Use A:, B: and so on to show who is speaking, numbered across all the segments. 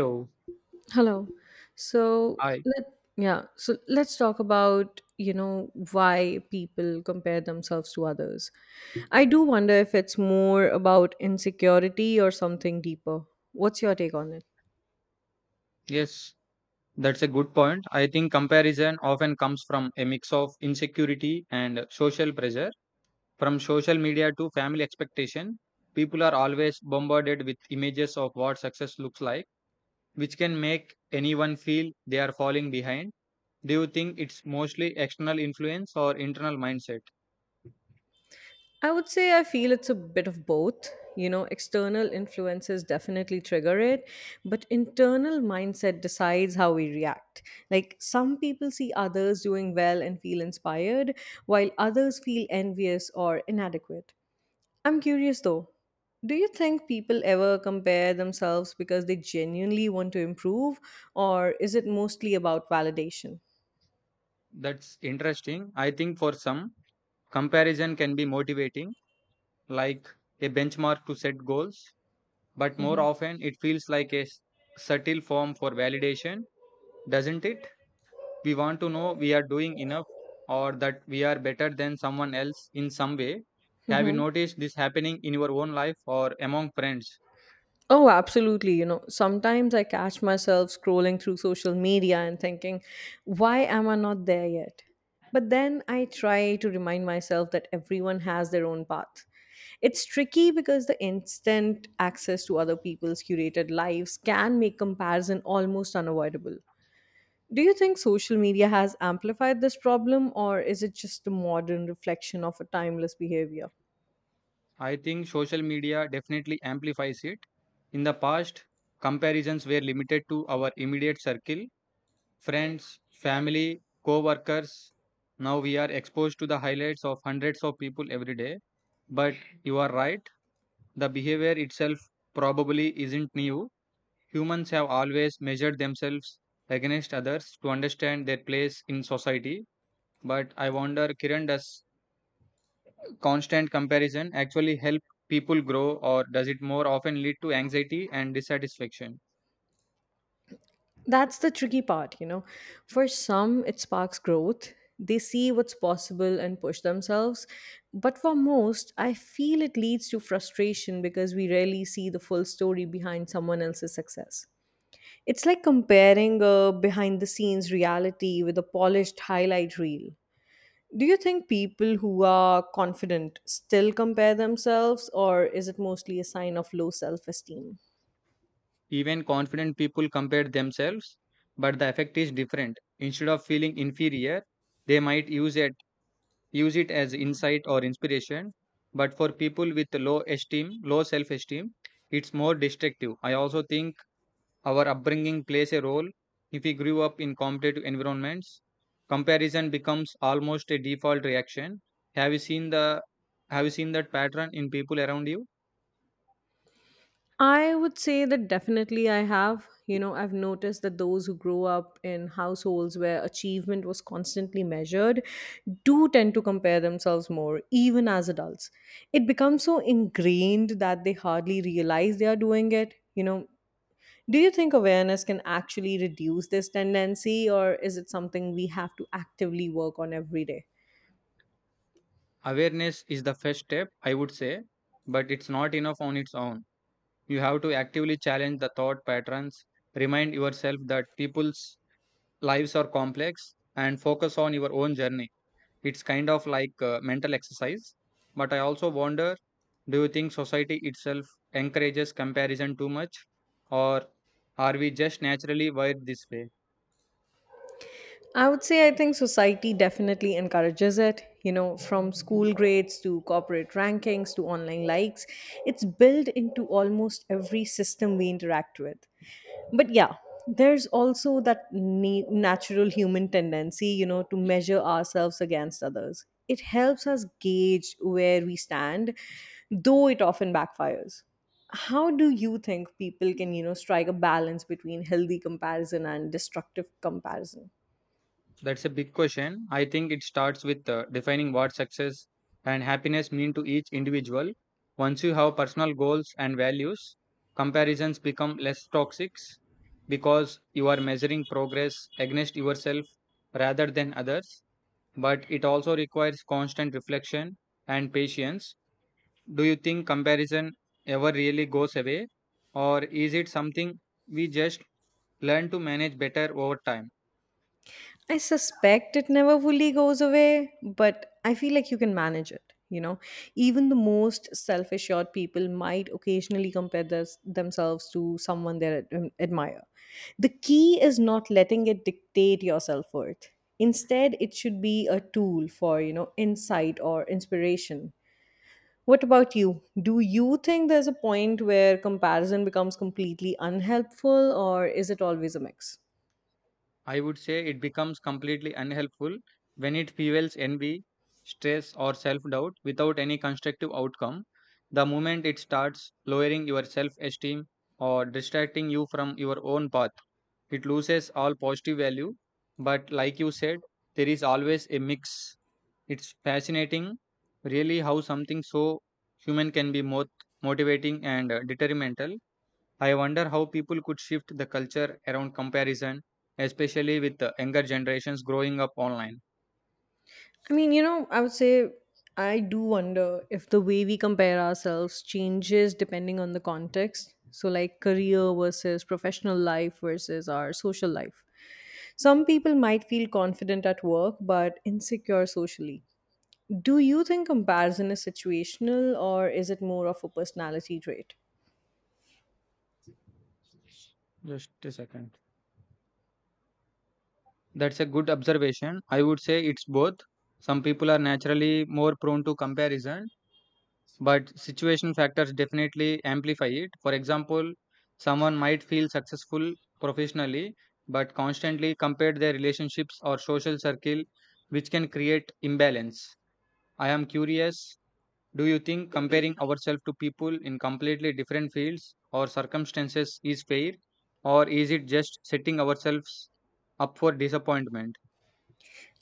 A: So,
B: Hello. So
A: I
B: let yeah, so let's talk about why people compare themselves to others. I do wonder if it's more about insecurity or something deeper. What's your take on it?
A: yes, that's a good point. I think comparison often comes from a mix of insecurity and social pressure. From social media to family expectation, people are always bombarded with images of what success looks like, which can make anyone feel they are falling behind. Do you think it's mostly external influence or internal mindset?
B: I would say I feel it's a bit of both. External influences definitely trigger it, but internal mindset decides how we react. Like, some people see others doing well and feel inspired, while others feel envious or inadequate. I'm curious though. Do you think people ever compare themselves because they genuinely want to improve, or is it mostly about validation?
A: That's interesting. I think for some, comparison can be motivating, like a benchmark to set goals. But more
B: Mhm.
A: often it feels like subtle form for validation, doesn't it? We want to know we are doing enough or that we are better than someone else in some way. Have you
B: Mhm.
A: noticed this happening in your own life or among friends?
B: Oh, absolutely. Sometimes I catch myself scrolling through social media and thinking, why am I not there yet? But then I try to remind myself that everyone has their own path. It's tricky because the instant access to other people's curated lives can make comparison almost unavoidable. Do you think social media has amplified this problem, or is it just a modern reflection of a timeless behavior?
A: I think social media definitely amplifies it. In the past, comparisons were limited to our immediate circle, friends, family, co workers. Now we are exposed to the highlights of hundreds of people every day. But you are right. The behavior itself probably isn't new. Humans have always measured themselves against others to understand their place in society. But I wonder, Kiran, does constant comparison actually help people grow, or does it more often lead to anxiety and dissatisfaction?
B: That's the tricky part. For some, it sparks growth. They see what's possible and push themselves. But for most, I feel it leads to frustration because we rarely see the full story behind someone else's success. It's like comparing a behind the scenes reality with a polished highlight reel. Do you think people who are confident still compare themselves, or is it mostly a sign of low self esteem?
A: Even confident people compare themselves, but the effect is different. Instead of feeling inferior, they might use it as insight or inspiration, but for people with low self esteem, it's more destructive. I also think our upbringing plays a role. If we grew up in competitive environments, comparison becomes almost a default reaction. have you seen the have you seen that pattern in people around you?
B: I would say that definitely I have. I've noticed that those who grow up in households where achievement was constantly measured do tend to compare themselves more, even as adults. It becomes so ingrained that they hardly realize they are doing it. Do you think awareness can actually reduce this tendency, or is it something we have to actively work on every day?
A: Awareness is the first step, I would say, but it's not enough on its own. You have to actively challenge the thought patterns, remind yourself that people's lives are complex and focus on your own journey. It's kind of like mental exercise. But I also wonder, do you think society itself encourages comparison too much? Or are we just naturally wired this way?
B: I would say I think society definitely encourages it. From school grades to corporate rankings to online likes, it's built into almost every system we interact with. But yeah, there's also that natural human tendency, to measure ourselves against others. It helps us gauge where we stand, though it often backfires. How do you think people can strike a balance between healthy comparison and destructive comparison?
A: That's a big question. I think it starts with defining what success and happiness mean to each individual. Once you have personal goals and values, comparisons become less toxic because you are measuring progress against yourself rather than others, but it also requires constant reflection and patience. Do you think comparison ever really goes away, or is it something we just learn to manage better over time?
B: I suspect it never fully goes away, but I feel like you can manage it. Even the most self assured people might occasionally compare theirs themselves to someone they admire. The key is not letting it dictate your self worth. Instead, it should be a tool for insight or inspiration. What about you? Do you think there's a point where comparison becomes completely unhelpful, or is it always a mix?
A: I would say it becomes completely unhelpful when it fuels envy, stress, or self doubt without any constructive outcome. The moment it starts lowering your self esteem or distracting you from your own path, it loses all positive value. But, like you said, there is always a mix. It's fascinating, really, how something so human can be both motivating and detrimental. I wonder how people could shift the culture around comparison, especially with the younger generations growing up online.
B: I mean, I would say I do wonder if the way we compare ourselves changes depending on the context. So, like career versus professional life versus our social life. Some people might feel confident at work but insecure socially. Do you think comparison is situational or is it more of a personality trait?
A: Just a second. That's a good observation. I would say it's both. Some people are naturally more prone to comparison, but situation factors definitely amplify it. For example, someone might feel successful professionally but constantly compare their relationships or social circle, which can create imbalance. I am curious, do you think comparing ourselves to people in completely different fields or circumstances is fair, or is it just setting ourselves up for disappointment?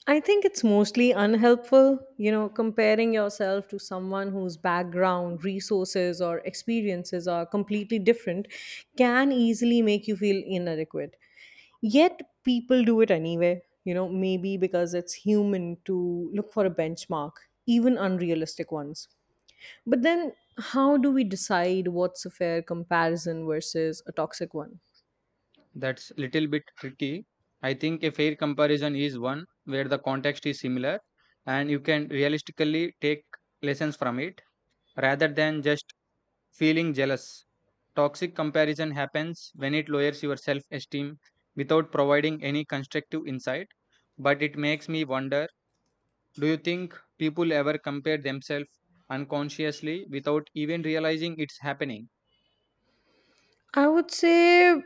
B: I think it's mostly unhelpful, comparing yourself to someone whose background, resources, or experiences are completely different can easily make you feel inadequate. Yet, people do it anyway, maybe because it's human to look for a benchmark, even unrealistic ones. But then, how do we decide what's a fair comparison versus a toxic one?
A: That's little bit tricky. I think a fair comparison is one where the context is similar and you can realistically take lessons from it rather than just feeling jealous. Toxic comparison happens when it lowers your self esteem without providing any constructive insight. But it makes me wonder, do you think people ever compare themselves unconsciously without even realizing it's happening?
B: I would say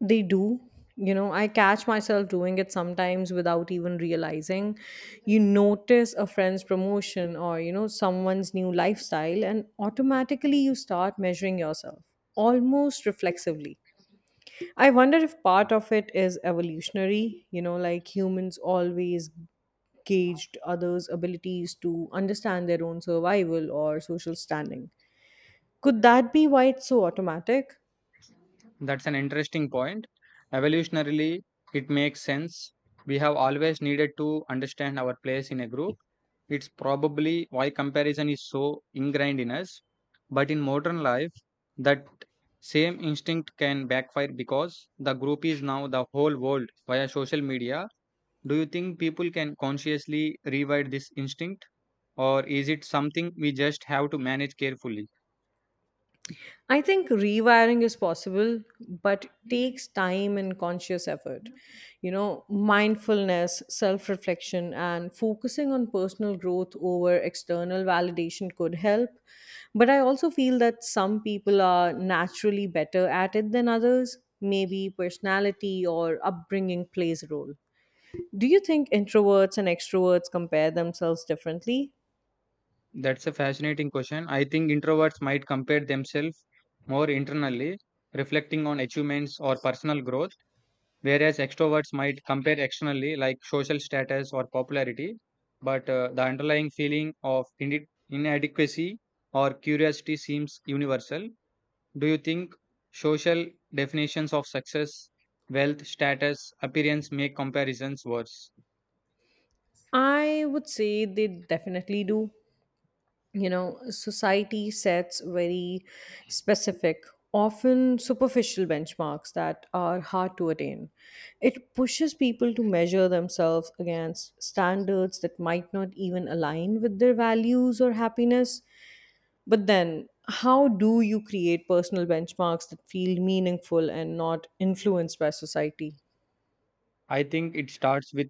B: they do. I catch myself doing it sometimes without even realizing. You notice a friend's promotion or someone's new lifestyle, and automatically you start measuring yourself almost reflexively. I wonder if part of it is evolutionary, like humans always gauged others' abilities to understand their own survival or social standing. Could that be why it's so automatic?
A: That's an interesting point. Evolutionarily, it makes sense. We have always needed to understand our place in a group. It's probably why comparison is so ingrained in us. But in modern life, that same instinct can backfire because the group is now the whole world via social media. Do you think people can consciously rewrite this instinct, or is it something we just have to manage carefully?
B: I think rewiring is possible, but takes time and conscious effort. Mindfulness, self reflection, and focusing on personal growth over external validation could help. But I also feel that some people are naturally better at it than others. Maybe personality or upbringing plays a role. Do you think introverts and extroverts compare themselves differently?
A: That's a fascinating question. I think introverts might compare themselves more internally, reflecting on achievements or personal growth, whereas extroverts might compare externally, like social status or popularity. But the underlying feeling of inadequacy or curiosity seems universal. Do you think social definitions of success, wealth, status, appearance make comparisons worse?
B: I would say they definitely do. Society sets very specific, often superficial benchmarks that are hard to attain. It pushes people to measure themselves against standards that might not even align with their values or happiness. But then, how do you create personal benchmarks that feel meaningful and not influenced by society?
A: I think it starts with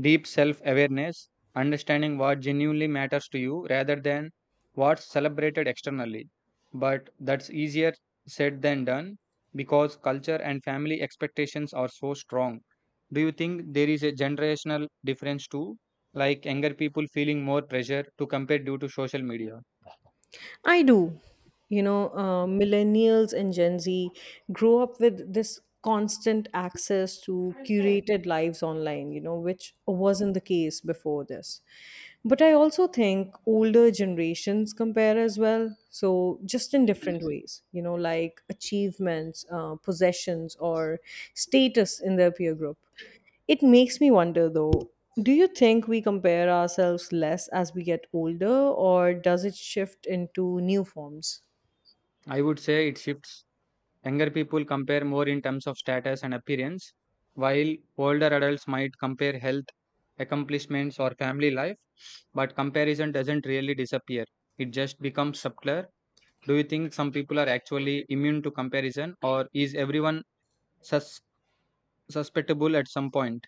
A: deep self awareness, understanding what genuinely matters to you rather than what's celebrated externally. But that's easier said than done because culture and family expectations are so strong. Do you think there is a generational difference too? Like younger people feeling more pressure to compare due to social media?
B: I do. Millennials and Gen Z grow up with this constant access to curated lives online, which wasn't the case before this. But I also think older generations compare as well. So, just in different ways, like achievements, possessions, or status in their peer group. It makes me wonder though, do you think we compare ourselves less as we get older, or does it shift into new forms?
A: I would say it shifts. Younger people compare more in terms of status and appearance, while older adults might compare health, accomplishments, or family life, but comparison doesn't really disappear. It just becomes subtler. Do you think some people are actually immune to comparison, or is everyone sus- susceptible at some point?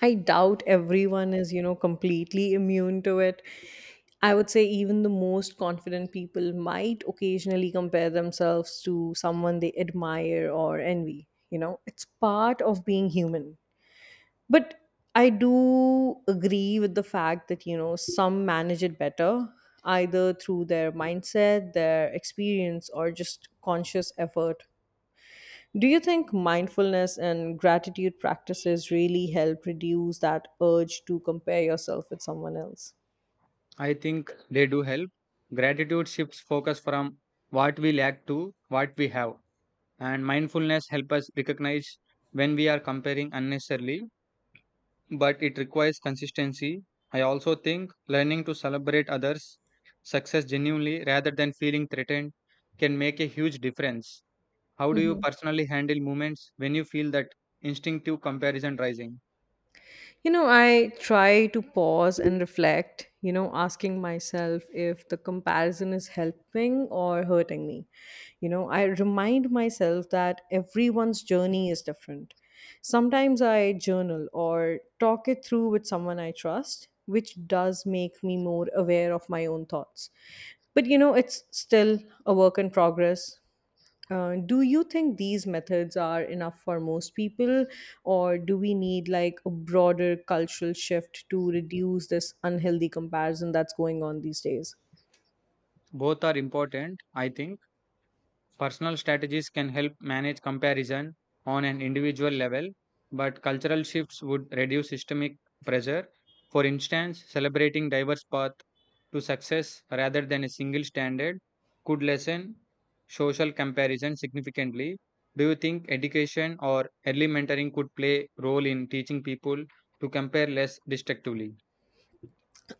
B: I doubt everyone is, completely immune to it. I would say even the most confident people might occasionally compare themselves to someone they admire or envy. It's part of being human. But I do agree with the fact that some manage it better, either through their mindset, their experience, or just conscious effort. Do you think mindfulness and gratitude practices really help reduce that urge to compare yourself with someone else?
A: I think they do help. Gratitude shifts focus from what we lack to what we have, and mindfulness helps us recognize when we are comparing unnecessarily, but it requires consistency. I also think learning to celebrate others' success genuinely rather than feeling threatened can make a huge difference. How do you
B: Mhm.
A: personally handle moments when you feel that instinctive comparison rising?
B: I try to pause and reflect, asking myself if the comparison is helping or hurting me. I remind myself that everyone's journey is different. Sometimes I journal or talk it through with someone I trust, which does make me more aware of my own thoughts. But it's still a work in progress. Do you think these methods are enough for most people, or do we need like a broader cultural shift to reduce this unhealthy comparison that's going on these days?
A: Both are important, I think. Personal strategies can help manage comparison on an individual level, but cultural shifts would reduce systemic pressure. For instance, celebrating diverse paths to success rather than a single standard could lessen social comparison significantly. Do you think education or early mentoring could play role in teaching people to compare less destructively?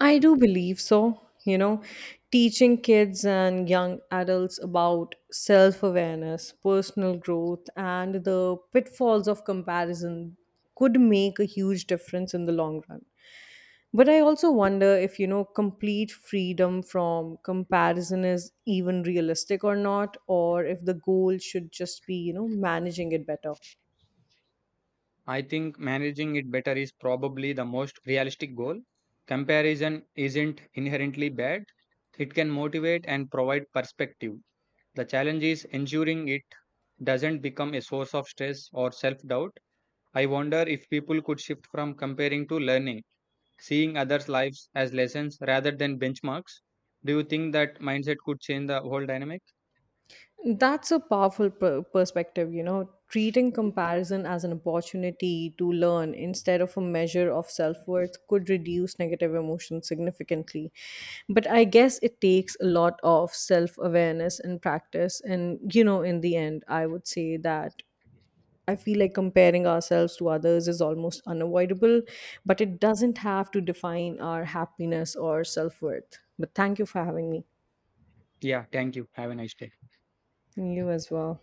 B: I do believe so. Teaching kids and young adults about self awareness, personal growth, and the pitfalls of comparison could make a huge difference in the long run. But I also wonder if complete freedom from comparison is even realistic or not, or if the goal should just be managing it better.
A: I think managing it better is probably the most realistic goal. Comparison isn't inherently bad, it can motivate and provide perspective. The challenge is ensuring it doesn't become a source of stress or self doubt. I wonder if people could shift from comparing to learning, seeing others' lives as lessons rather than benchmarks. Do you think that mindset could change the whole dynamic?
B: That's a powerful perspective, treating comparison as an opportunity to learn instead of a measure of self worth could reduce negative emotions significantly. But I guess it takes a lot of self awareness and practice. And in the end, I would say that I feel like comparing ourselves to others is almost unavoidable, but it doesn't have to define our happiness or self worth. But thank you for having me.
A: Yeah, thank you. Have a nice day.
B: You as well.